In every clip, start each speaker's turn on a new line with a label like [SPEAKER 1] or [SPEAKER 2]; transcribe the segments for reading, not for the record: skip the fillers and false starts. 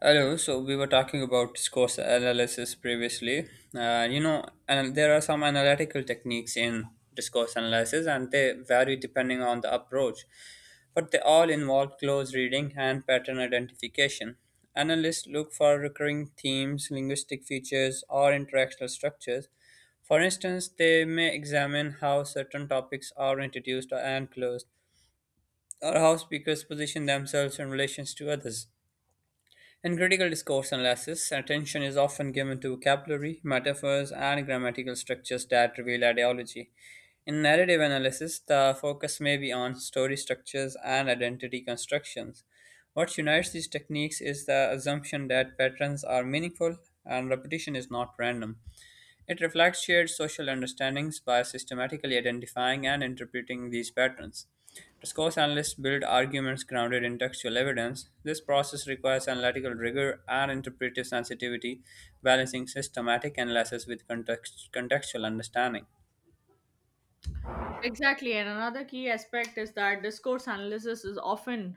[SPEAKER 1] Hello. So we were talking about discourse analysis previously. And there are some analytical techniques in discourse analysis, and they vary depending on the approach, but they all involve close reading and pattern identification. Analysts look for recurring themes, linguistic features, or interactional structures. For instance, they may examine how certain topics are introduced and closed, or how speakers position themselves in relation to others. In critical discourse analysis, attention is often given to vocabulary, metaphors, and grammatical structures that reveal ideology. In narrative analysis, the focus may be on story structures and identity constructions. What unites these techniques is the assumption that patterns are meaningful and repetition is not random. It reflects shared social understandings by systematically identifying and interpreting these patterns. Discourse analysts build arguments grounded in textual evidence. This process requires analytical rigor and interpretive sensitivity, balancing systematic analysis with contextual understanding.
[SPEAKER 2] Exactly. And another key aspect is that discourse analysis is often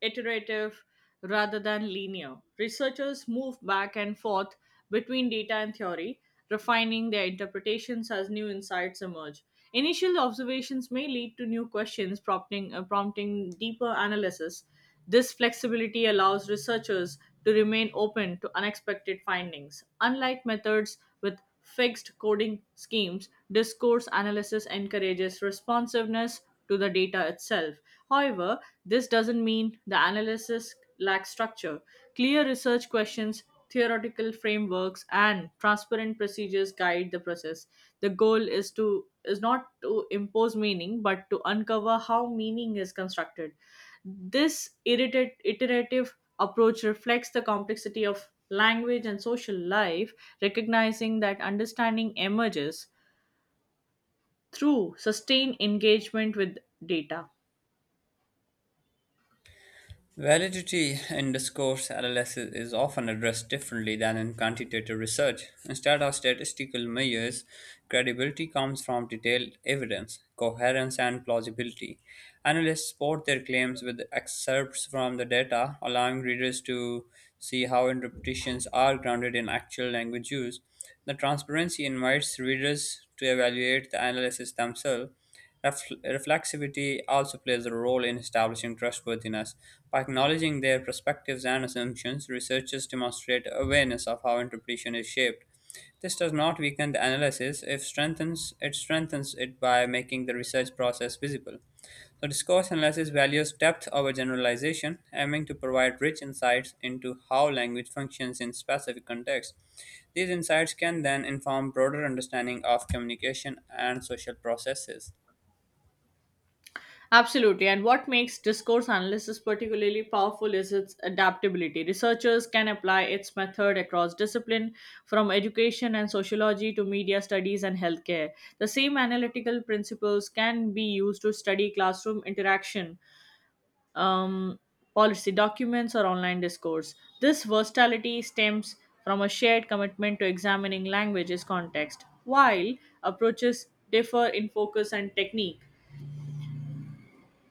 [SPEAKER 2] iterative rather than linear. Researchers move back and forth between data and theory, refining their interpretations as new insights emerge. Initial observations may lead to new questions, prompting deeper analysis. This flexibility allows researchers to remain open to unexpected findings. Unlike methods with fixed coding schemes, discourse analysis encourages responsiveness to the data itself. However, this doesn't mean the analysis lacks structure. Clear research questions, theoretical frameworks, and transparent procedures guide the process. The goal is not to impose meaning but to uncover how meaning is constructed. This iterative approach reflects the complexity of language and social life, recognizing that understanding emerges through sustained engagement with data.
[SPEAKER 1] Validity in discourse analysis is often addressed differently than in quantitative research. Instead of statistical measures, credibility comes from detailed evidence, coherence, and plausibility. Analysts support their claims with excerpts from the data, allowing readers to see how interpretations are grounded in actual language use. The transparency invites readers to evaluate the analysis themselves. Reflexivity also plays a role in establishing trustworthiness. By acknowledging their perspectives and assumptions, researchers demonstrate awareness of how interpretation is shaped. This does not weaken the analysis, if strengthens it by making the research process visible. So discourse analysis values depth over generalization, aiming to provide rich insights into how language functions in specific contexts. These insights can then inform broader understanding of communication and social processes.
[SPEAKER 2] Absolutely. And what makes discourse analysis particularly powerful is its adaptability. Researchers can apply its method across discipline, from education and sociology to media studies and healthcare. The same analytical principles can be used to study classroom interaction, um, policy documents, or online discourse. This versatility stems from a shared commitment to examining language's context. While approaches differ in focus and technique,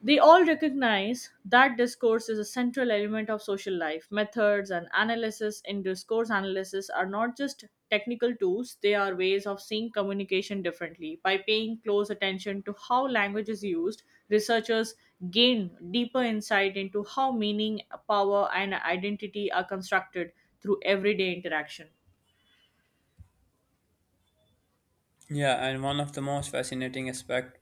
[SPEAKER 2] they all recognize that discourse is a central element of social life. Methods and analysis in discourse analysis are not just technical tools, they are ways of seeing communication differently. By paying close attention to how language is used, researchers gain deeper insight into how meaning, power, and identity are constructed through everyday interaction.
[SPEAKER 1] Yeah, and one of the most fascinating aspect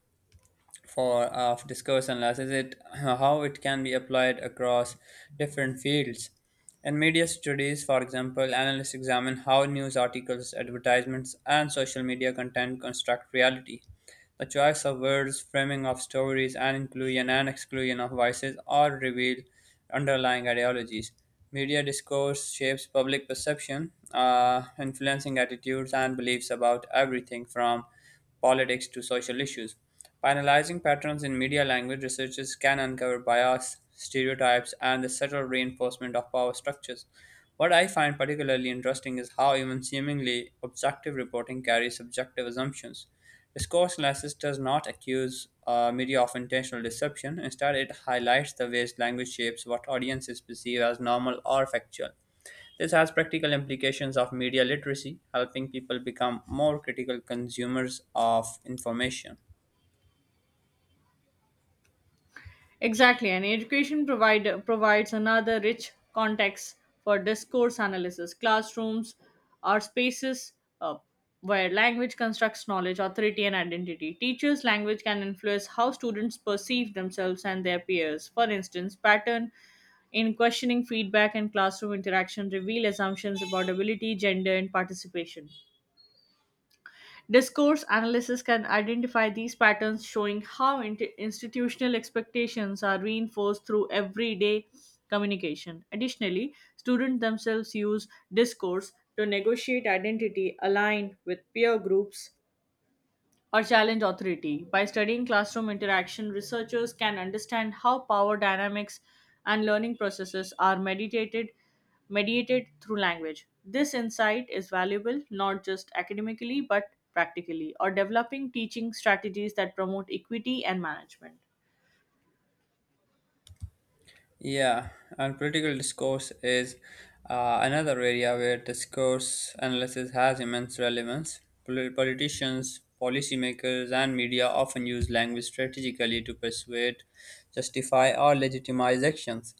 [SPEAKER 1] for of discourse analysis is it how it can be applied across different fields. In media studies, for example, analysts examine how news articles, advertisements, and social media content construct reality. The choice of words, framing of stories, and inclusion and exclusion of voices all reveal underlying ideologies. Media discourse shapes public perception, influencing attitudes and beliefs about everything from politics to social issues. By analyzing patterns in media language, researchers can uncover bias, stereotypes, and the subtle reinforcement of power structures. What I find particularly interesting is how even seemingly objective reporting carries subjective assumptions. Discourse analysis does not accuse media of intentional deception. Instead, it highlights the ways language shapes what audiences perceive as normal or factual. This has practical implications of media literacy, helping people become more critical consumers of information.
[SPEAKER 2] Exactly, and provides another rich context for discourse analysis. Classrooms are spaces uh, where language constructs knowledge, authority, and identity. Teachers' language can influence how students perceive themselves and their peers. For instance, pattern in questioning feedback and classroom interaction reveal assumptions about ability, gender, and participation. Discourse analysis can identify these patterns, showing how institutional expectations are reinforced through everyday communication. Additionally, students themselves use discourse to negotiate identity, align with peer groups, or challenge authority. By studying classroom interaction, researchers can understand how power dynamics and learning processes are mediated through language. This insight is valuable not just academically but practically, or developing teaching strategies that promote equity and management.
[SPEAKER 1] Yeah, and political discourse is another area where discourse analysis has immense relevance. Politicians, policymakers, and media often use language strategically to persuade, justify, or legitimize actions.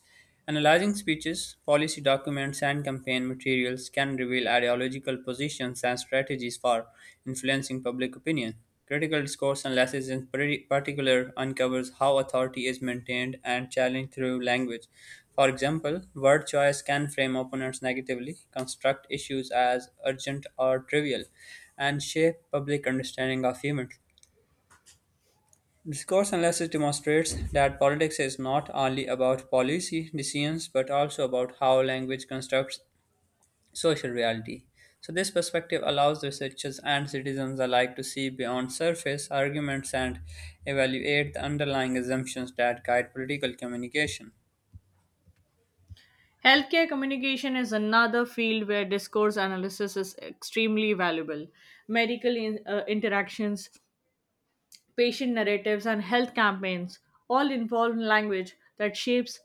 [SPEAKER 1] Analyzing speeches, policy documents, and campaign materials can reveal ideological positions and strategies for influencing public opinion. Critical discourse analysis, in particular, uncovers how authority is maintained and challenged through language. For example, word choice can frame opponents negatively, construct issues as urgent or trivial, and shape public understanding of humor. Discourse analysis demonstrates that politics is not only about policy decisions but also about how language constructs social reality. So, this perspective allows researchers and citizens alike to see beyond surface arguments and evaluate the underlying assumptions that guide political communication.
[SPEAKER 2] Healthcare communication is another field where discourse analysis is extremely valuable. Medical interactions, patient narratives, and health campaigns all involve language that shapes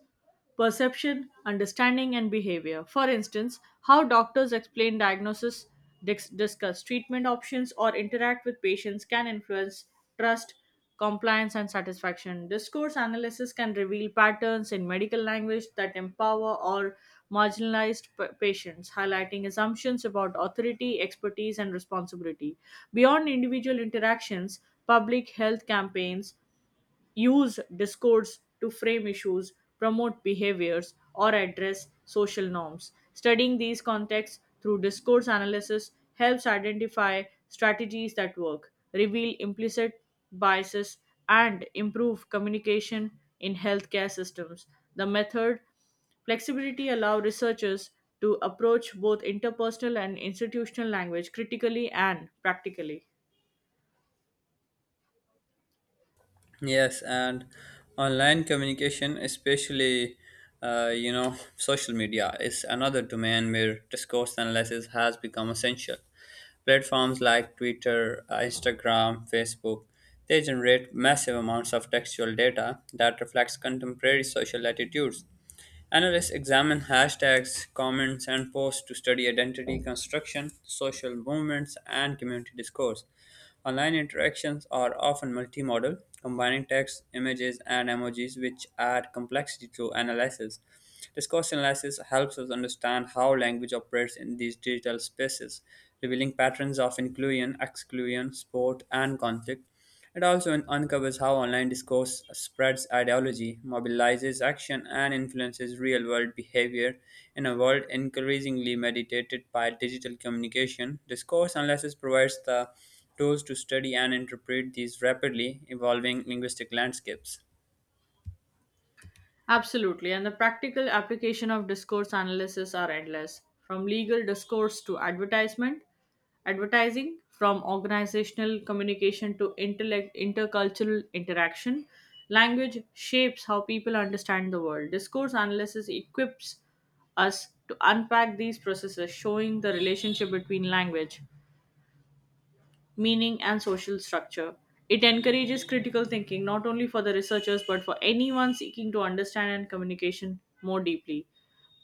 [SPEAKER 2] perception, understanding, and behavior. For instance, how doctors explain diagnosis, discuss treatment options, or interact with patients can influence trust, compliance, and satisfaction. Discourse analysis can reveal patterns in medical language that empower or marginalized patients, highlighting assumptions about authority, expertise, and responsibility. Beyond individual interactions, public health campaigns use discourse to frame issues, promote behaviors, or address social norms. Studying these contexts through discourse analysis helps identify strategies that work, reveal implicit biases, and improve communication in healthcare systems. The method flexibility allows researchers to approach both interpersonal and institutional language critically and practically.
[SPEAKER 1] Yes, and online communication, especially social media, is another domain where discourse analysis has become essential. Platforms like Twitter, Instagram, Facebook, they generate massive amounts of textual data that reflects contemporary social attitudes. Analysts examine hashtags, comments, and posts to study identity construction, social movements, and community discourse. Online interactions are often multimodal, combining text, images, and emojis, which add complexity to analysis. Discourse analysis helps us understand how language operates in these digital spaces, revealing patterns of inclusion, exclusion, support, and conflict. It also uncovers how online discourse spreads ideology, mobilizes action, and influences real world behavior. In a world increasingly mediated by digital communication, discourse analysis provides the tools to study and interpret these rapidly evolving linguistic landscapes.
[SPEAKER 2] Absolutely, and the practical application of discourse analysis are endless. From legal discourse to advertising, from organizational communication to intercultural interaction, language shapes how people understand the world. Discourse analysis equips us to unpack these processes, showing the relationship between language, meaning, and social structure. It encourages critical thinking not only for the researchers but for anyone seeking to understand and communication more deeply.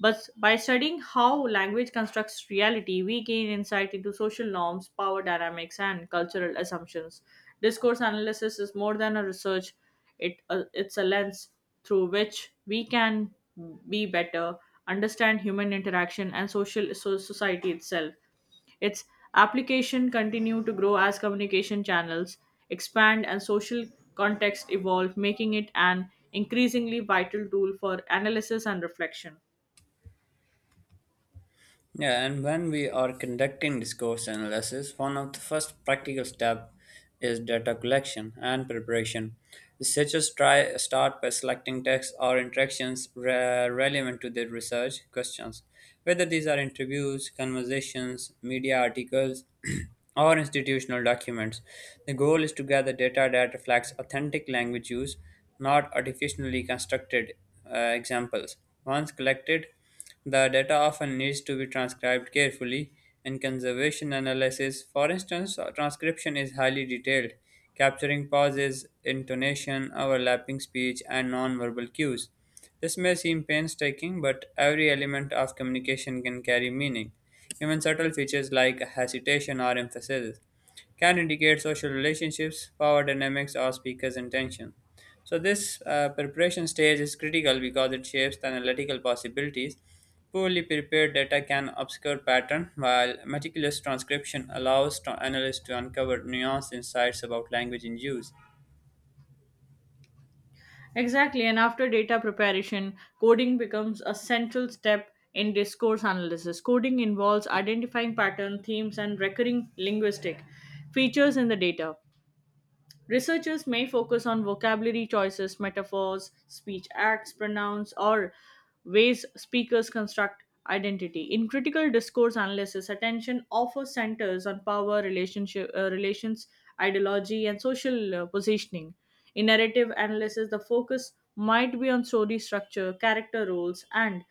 [SPEAKER 2] But by studying how language constructs reality, we gain insight into social norms, power dynamics, and cultural assumptions. Discourse analysis is more than a research, it's a lens through which we can be better, understand human interaction, and social society itself. Its application continue to grow as communication channels expand and social context evolve, making it an increasingly vital tool for analysis and reflection.
[SPEAKER 1] Yeah, and when we are conducting discourse analysis, one of the first practical steps is data collection and preparation. Researchers try start by selecting texts or interactions relevant to their research questions, whether these are interviews, conversations, media articles, or institutional documents. The goal is to gather data that reflects authentic language use, not artificially constructed examples. Once collected, the data often needs to be transcribed carefully. In conservation analysis, for instance, transcription is highly detailed, capturing pauses, intonation, overlapping speech, and nonverbal cues. This may seem painstaking, but every element of communication can carry meaning. Even subtle features like hesitation or emphasis can indicate social relationships, power dynamics, or speaker's intention. So, this preparation stage is critical because it shapes the analytical possibilities. Poorly prepared data can obscure pattern, while meticulous transcription allows analysts to uncover nuanced insights about language in use.
[SPEAKER 2] Exactly, and after data preparation, coding becomes a central step in discourse analysis. Coding involves identifying pattern, themes, and recurring linguistic features in the data. Researchers may focus on vocabulary choices, metaphors, speech acts, pronouns, or ways speakers construct identity. In critical discourse analysis, attention often centers on power, relations, ideology, and social positioning. In narrative analysis, the focus might be on story structure, character roles, and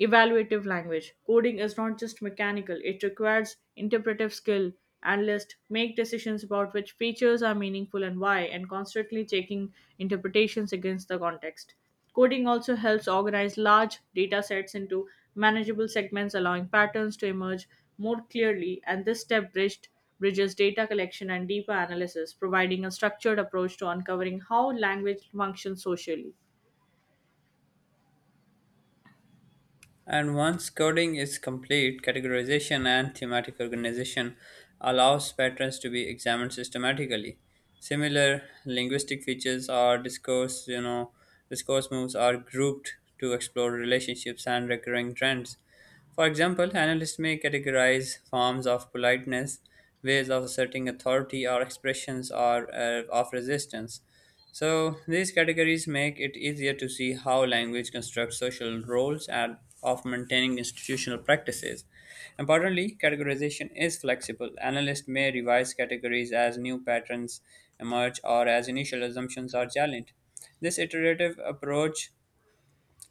[SPEAKER 2] evaluative language. Coding is not just mechanical, it requires interpretive skill. Analysts make decisions about which features are meaningful and why, and constantly checking interpretations against the context. Coding also helps organize large data sets into manageable segments, allowing patterns to emerge more clearly, and this bridges data collection and deeper analysis, providing a structured approach to uncovering how language functions socially.
[SPEAKER 1] And once coding is complete, categorization and thematic organization allows patterns to be examined systematically. Similar linguistic features or discourse moves are grouped to explore relationships and recurring trends. For example, analysts may categorize forms of politeness, ways of asserting authority, or expressions of resistance. So, these categories make it easier to see how language constructs social roles and of maintaining institutional practices. Importantly, categorization is flexible. Analysts may revise categories as new patterns emerge or as initial assumptions are challenged. This iterative approach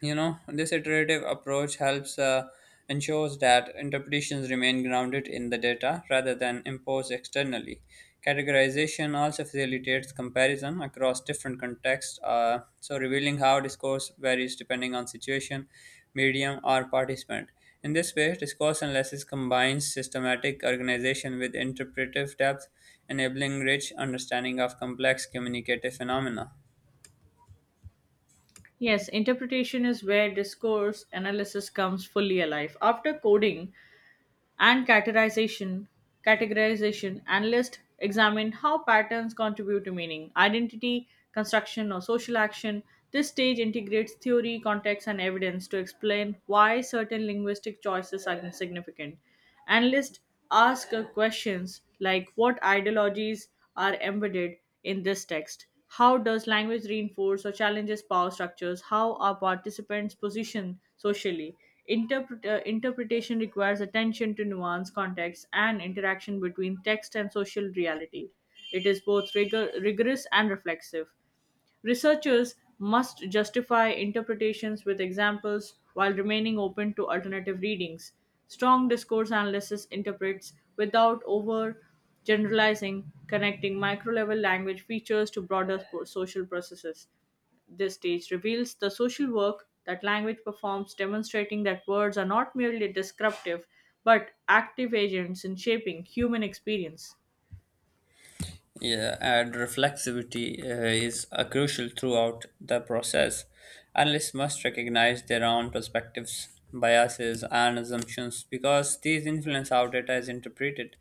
[SPEAKER 1] you know this iterative approach helps ensures that interpretations remain grounded in the data rather than imposed externally. Categorization also facilitates comparison across different contexts, so revealing how discourse varies depending on situation, medium, or participant. In this way, discourse analysis combines systematic organization with interpretive depth, enabling rich understanding of complex communicative phenomena.
[SPEAKER 2] Yes, interpretation is where discourse analysis comes fully alive. After coding and categorization, analysts examine how patterns contribute to meaning, identity construction, or social action. This stage integrates theory, context, and evidence to explain why certain linguistic choices are significant. Analysts ask questions like: what ideologies are embedded in this text? How does language reinforce or challenges power structures? How are participants positioned socially? Interpretation requires attention to nuance, context, and interaction between text and social reality. It is both rigorous and reflexive. Researchers must justify interpretations with examples while remaining open to alternative readings. Strong discourse analysis interprets without over generalizing, connecting micro level language features to broader social processes. This stage reveals the social work that language performs, demonstrating that words are not merely descriptive but active agents in shaping human experience.
[SPEAKER 1] Yeah, and reflexivity is crucial throughout the process. Analysts must recognize their own perspectives, biases, and assumptions because these influence how data is interpreted.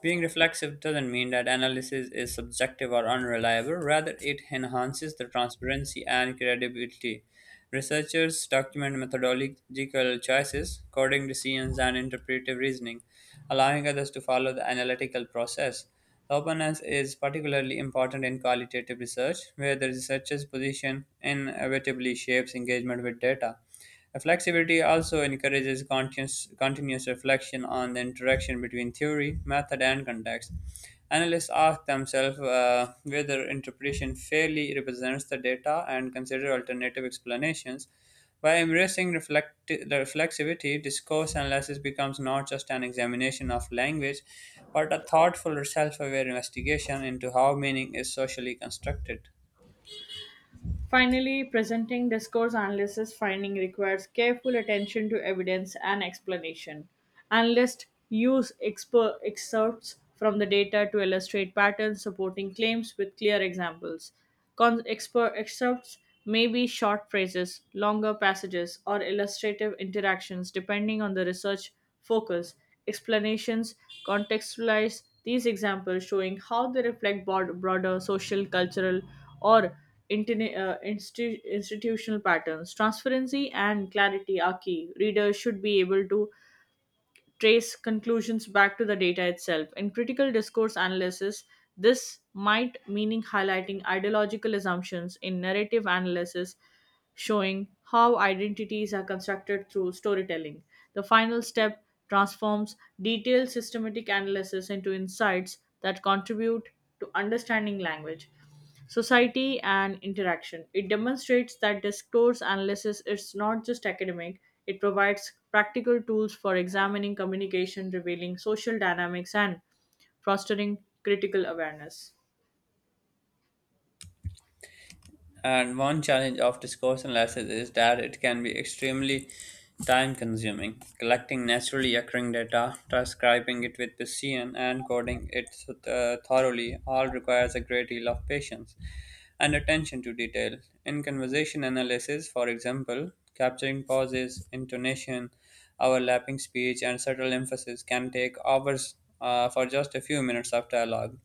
[SPEAKER 1] Being reflexive doesn't mean that analysis is subjective or unreliable, rather, it enhances the transparency and credibility. Researchers document methodological choices, coding decisions, and interpretive reasoning, allowing others to follow the analytical process. Openness is particularly important in qualitative research, where the researcher's position inevitably shapes engagement with data. Reflexivity also encourages conscious, continuous reflection on the interaction between theory, method, and context. Analysts ask themselves whether interpretation fairly represents the data and consider alternative explanations. By embracing reflexivity, discourse analysis becomes not just an examination of language, but a thoughtful, self aware investigation into how meaning is socially constructed.
[SPEAKER 2] Finally, presenting discourse analysis finding requires careful attention to evidence and explanation. Analysts use excerpts from the data to illustrate patterns, supporting claims with clear examples. Excerpts may be short phrases, longer passages, or illustrative interactions depending on the research focus. Explanations contextualize these examples, showing how they reflect broader social, cultural, or institutional patterns. Transparency and clarity are key. Readers should be able to trace conclusions back to the data itself. In critical discourse analysis, this might meaning highlighting ideological assumptions. In narrative analysis, showing how identities are constructed through storytelling. The final step transforms detailed systematic analysis into insights that contribute to understanding language, society, and interaction. It demonstrates that discourse analysis is not just academic, it provides practical tools for examining communication, revealing social dynamics, and fostering critical awareness.
[SPEAKER 1] And one challenge of discourse analysis is that it can be extremely time consuming. Collecting naturally occurring data, transcribing it with precision, and coding it thoroughly all requires a great deal of patience and attention to detail. In conversation analysis, for example, capturing pauses, intonation, overlapping speech, and subtle emphasis can take hours for just a few minutes of dialogue.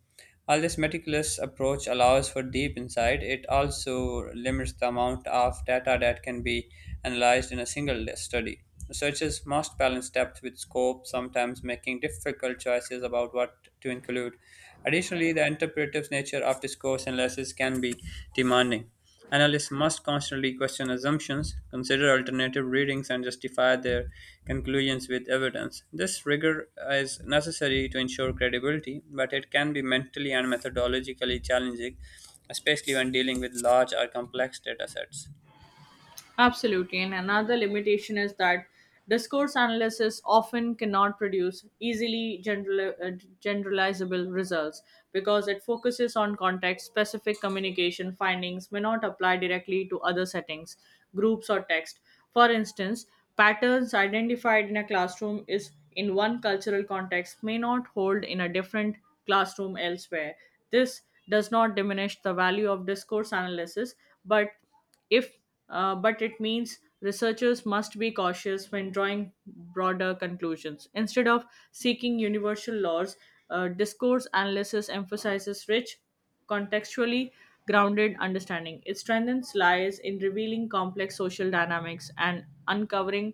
[SPEAKER 1] While this meticulous approach allows for deep insight, it also limits the amount of data that can be analyzed in a single study. Researchers must balance depth with scope, sometimes making difficult choices about what to include. Additionally, the interpretive nature of discourse analysis can be demanding. Analysts must constantly question assumptions, consider alternative readings, and justify their conclusions with evidence. This rigor is necessary to ensure credibility, but it can be mentally and methodologically challenging, especially when dealing with large or complex data sets.
[SPEAKER 2] Absolutely. And another limitation is that discourse analysis often cannot produce easily generalizable results because it focuses on context specific communication. Findings may not apply directly to other settings, groups, or text. For instance, patterns identified in a classroom is in one cultural context may not hold in a different classroom elsewhere. This does not diminish the value of discourse analysis, but if but it means researchers must be cautious when drawing broader conclusions. Instead of seeking universal laws, discourse analysis emphasizes rich, contextually grounded understanding. It strengthens lies in revealing complex social dynamics and uncovering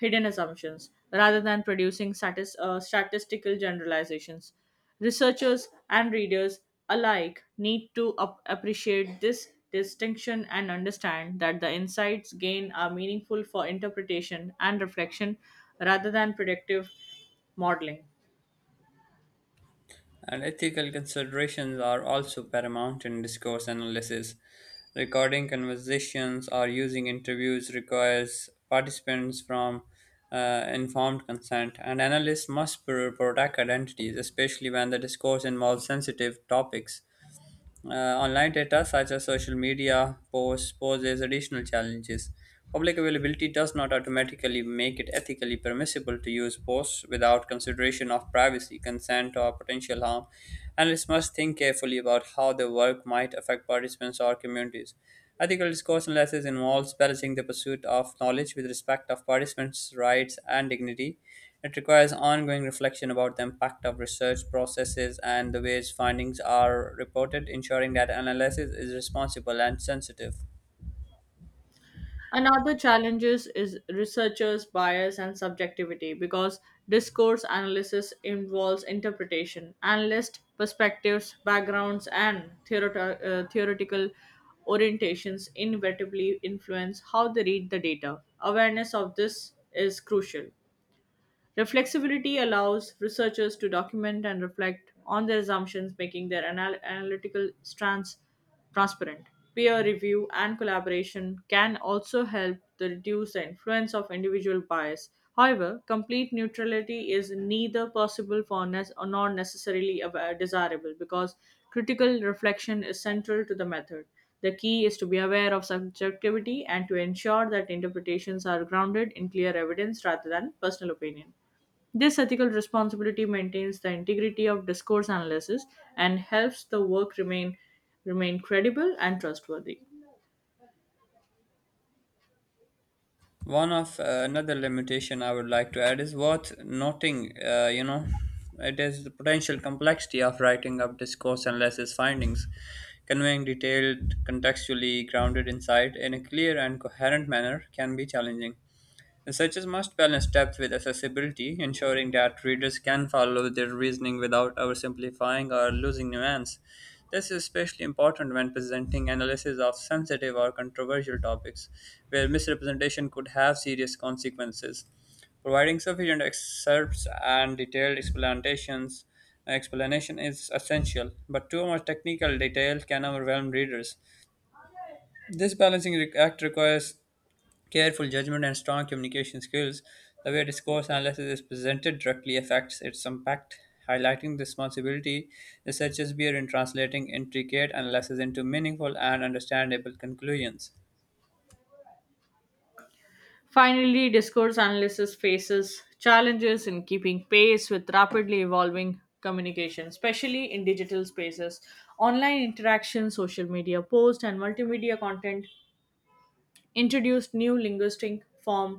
[SPEAKER 2] hidden assumptions rather than producing statistical generalizations. Researchers and readers alike need to appreciate this distinction and understand that the insights gained are meaningful for interpretation and reflection rather than predictive modeling.
[SPEAKER 1] And ethical considerations are also paramount in discourse analysis. Recording conversations or using interviews requires participants from informed consent, and analysts must protect identities, especially when the discourse involves sensitive topics. Online data, such as social media posts, poses additional challenges. Public availability does not automatically make it ethically permissible to use posts without consideration of privacy, consent, or potential harm. Analysts must think carefully about how their work might affect participants or communities. Ethical discourse analysis involves balancing the pursuit of knowledge with respect of participants' rights and dignity. It requires ongoing reflection about the impact of research processes and the ways findings are reported, ensuring that analysis is responsible and sensitive.
[SPEAKER 2] Another challenges is researchers' bias and subjectivity because discourse analysis involves interpretation. Analyst perspectives, backgrounds, and theoretical orientations inevitably influence how they read the data. Awareness of this is crucial. Reflexivity allows researchers to document and reflect on their assumptions, making their analytical strands transparent. Peer review and collaboration can also help to reduce the influence of individual bias. However, complete neutrality is neither possible for or nor desirable because critical reflection is central to the method. The key is to be aware of subjectivity and to ensure that interpretations are grounded in clear evidence rather than personal opinion. This ethical responsibility maintains the integrity of discourse analysis and helps the work remain credible and trustworthy.
[SPEAKER 1] One of Another limitation I would like to add is worth noting: it is the potential complexity of writing up discourse and lessons findings, conveying detailed, contextually grounded insight in a clear and coherent manner can be challenging. Researchers must balance depth with accessibility, ensuring that readers can follow their reasoning without oversimplifying or losing nuance. This is especially important when presenting analysis of sensitive or controversial topics, where misrepresentation could have serious consequences. Providing sufficient excerpts and detailed explanation is essential, but too much technical detail can overwhelm readers. This balancing act requires careful judgment and strong communication skills, the way discourse analysis is presented directly affects its impact, highlighting the responsibility researchers bear in translating intricate analysis into meaningful and understandable conclusions.
[SPEAKER 2] Finally, discourse analysis faces challenges in keeping pace with rapidly evolving communication, especially in digital spaces. Online interaction, social media posts, and multimedia content introduced new linguistic form,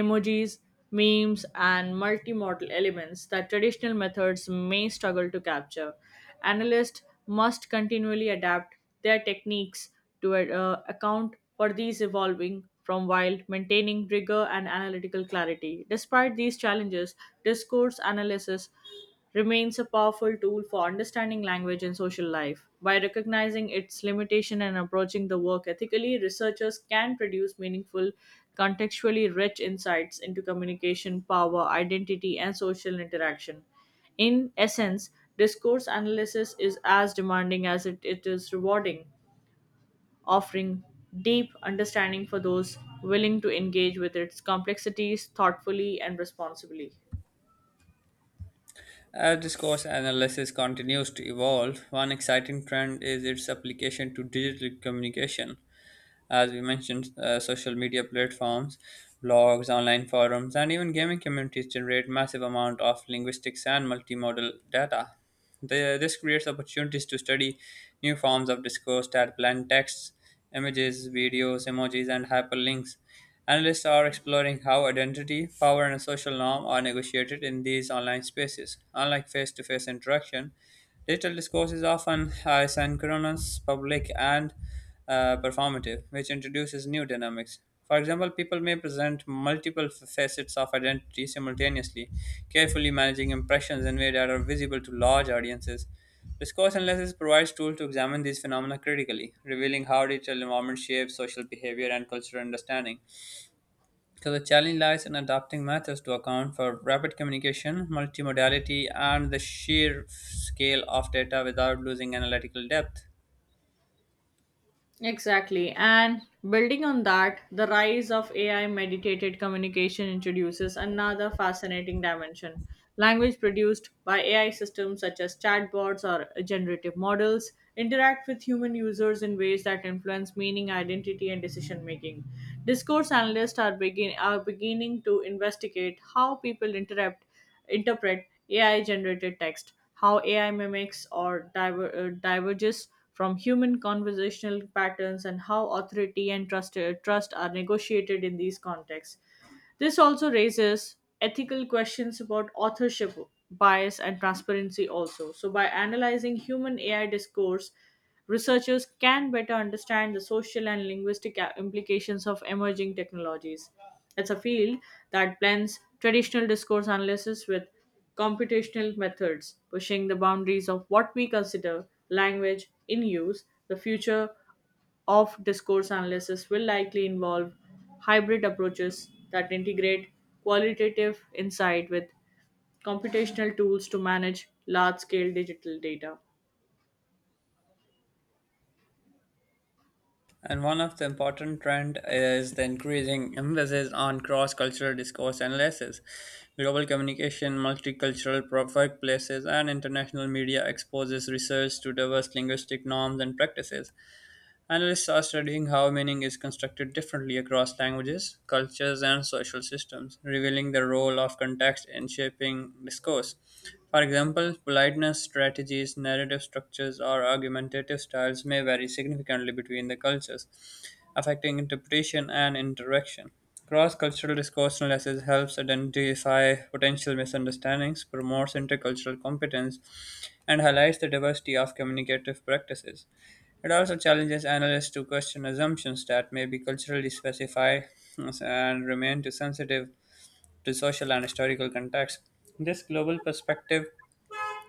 [SPEAKER 2] emojis, memes, and multimodal elements that traditional methods may struggle to capture. Analysts must continually adapt their techniques to account for these evolving from, while maintaining rigor and analytical clarity. Despite these challenges, discourse analysis remains a powerful tool for understanding language and social life. By recognizing its limitation and approaching the work ethically, researchers can produce meaningful, contextually rich insights into communication, power, identity, and social interaction. In essence, discourse analysis is as demanding as it is rewarding, offering deep understanding for those willing to engage with its complexities thoughtfully and responsibly.
[SPEAKER 1] As discourse analysis continues to evolve, one exciting trend is its application to digital communication. As we mentioned, social media platforms, blogs, online forums, and even gaming communities generate massive amount of linguistics and multimodal data. This creates opportunities to study new forms of discourse that blend texts, images, videos, emojis, and hyperlinks. Analysts are exploring how identity, power, and social norm are negotiated in these online spaces. Unlike face to face interaction, digital discourse is often asynchronous, public, and performative, which introduces new dynamics. For example, people may present multiple facets of identity simultaneously, carefully managing impressions in ways that are visible to large audiences. Discourse analysis provides tools to examine these phenomena critically, revealing how digital environment shapes social behavior and cultural understanding. So the challenge lies in adapting methods to account for rapid communication, multimodality, and the sheer scale of data without losing analytical depth.
[SPEAKER 2] Exactly. And building on that, the rise of AI mediated communication introduces another fascinating dimension. Language produced by AI systems such as chatbots or generative models interact with human users in ways that influence meaning, identity, and decision making. Discourse analysts are beginning to investigate how people interrupt interpret AI generated text, how AI mimics or diverges from human conversational patterns, and how authority and trust are negotiated in these contexts. This also raises ethical questions about authorship, bias, and transparency also. So by analyzing human AI discourse, researchers can better understand the social and linguistic implications of emerging technologies. It's a field that blends traditional discourse analysis with computational methods, pushing the boundaries of what we consider language in use. The future of discourse analysis will likely involve hybrid approaches that integrate qualitative insight with computational tools to manage large scale digital data.
[SPEAKER 1] And one of the important trend is the increasing emphasis on cross-cultural discourse analysis. Global communication, multicultural workplaces, and international media exposes research to diverse linguistic norms and practices. Analysts are studying how meaning is constructed differently across languages, cultures, and social systems, revealing the role of context in shaping discourse. For example, politeness, strategies, narrative structures, or argumentative styles may vary significantly between the cultures, affecting interpretation and interaction. Cross cultural discourse analysis helps identify potential misunderstandings, promotes intercultural competence, and highlights the diversity of communicative practices. It also challenges analysts to question assumptions that may be culturally specified and remain too sensitive to social and historical context. This global perspective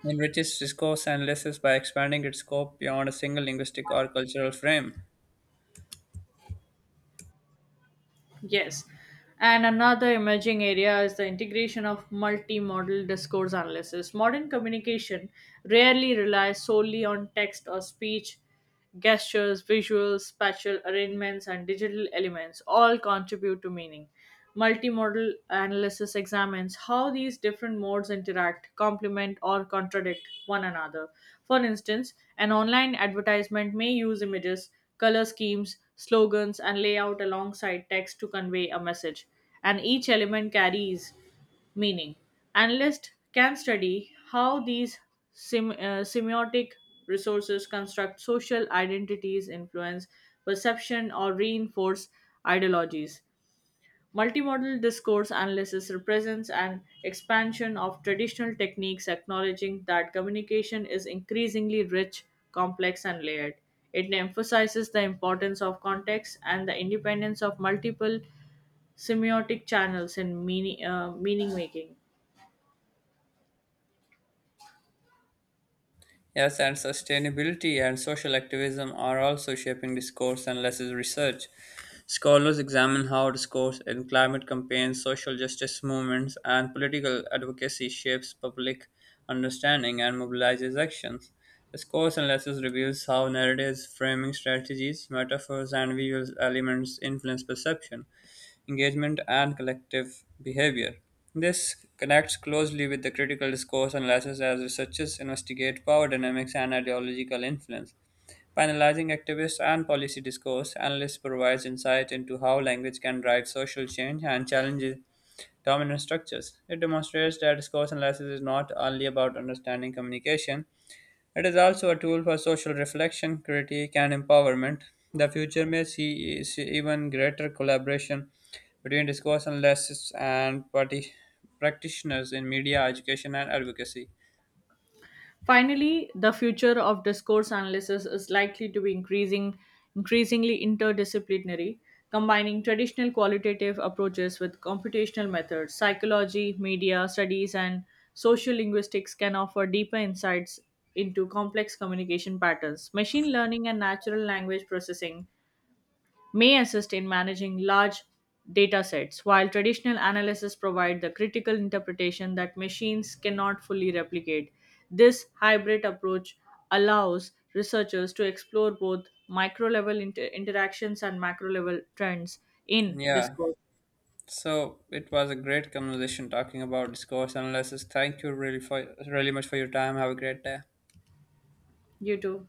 [SPEAKER 1] enriches discourse analysis by expanding its scope beyond a single linguistic or cultural frame.
[SPEAKER 2] Yes. And another emerging area is the integration of multimodal discourse analysis. Modern communication rarely relies solely on text or speech. Gestures, visuals, spatial arrangements, and digital elements all contribute to meaning. Multimodal analysis examines how these different modes interact, complement, or contradict one another. For instance, an online advertisement may use images, color schemes, slogans, and layout alongside text to convey a message, and each element carries meaning. Analysts can study how these semiotic resources construct social identities, influence perception, or reinforce ideologies. Multimodal discourse analysis represents an expansion of traditional techniques, acknowledging that communication is increasingly rich, complex, and layered. It emphasizes the importance of context and the independence of multiple semiotic channels in meaning making.
[SPEAKER 1] Yes, and sustainability and social activism are also shaping discourse and lessons research. Scholars examine how discourse in climate campaigns, social justice movements, and political advocacy shapes public understanding and mobilizes actions. Discourse and lessons reveals how narratives, framing strategies, metaphors, and visual elements influence perception, engagement, and collective behavior. This connects closely with the critical discourse analysis as researchers investigate power dynamics and ideological influence. By analyzing activist and policy discourse, analysts provides insight into how language can drive social change and challenges dominant structures. It demonstrates that discourse analysis is not only about understanding communication, it is also a tool for social reflection, critique, and empowerment. The future may see even greater collaboration between discourse analysts and party practitioners in media, education, and advocacy.
[SPEAKER 2] Finally, the future of discourse analysis is likely to be increasingly interdisciplinary, combining traditional qualitative approaches with computational methods. Psychology, media studies, and social linguistics can offer deeper insights into complex communication patterns. Machine learning and natural language processing may assist in managing large data sets, while traditional analysis provide the critical interpretation that machines cannot fully replicate. This hybrid approach allows researchers to explore both micro level interactions and macro level trends in
[SPEAKER 1] Yeah,
[SPEAKER 2] discourse.
[SPEAKER 1] so it was a great conversation talking about discourse analysis. Thank you really much for your time. Have a great day.
[SPEAKER 2] You too.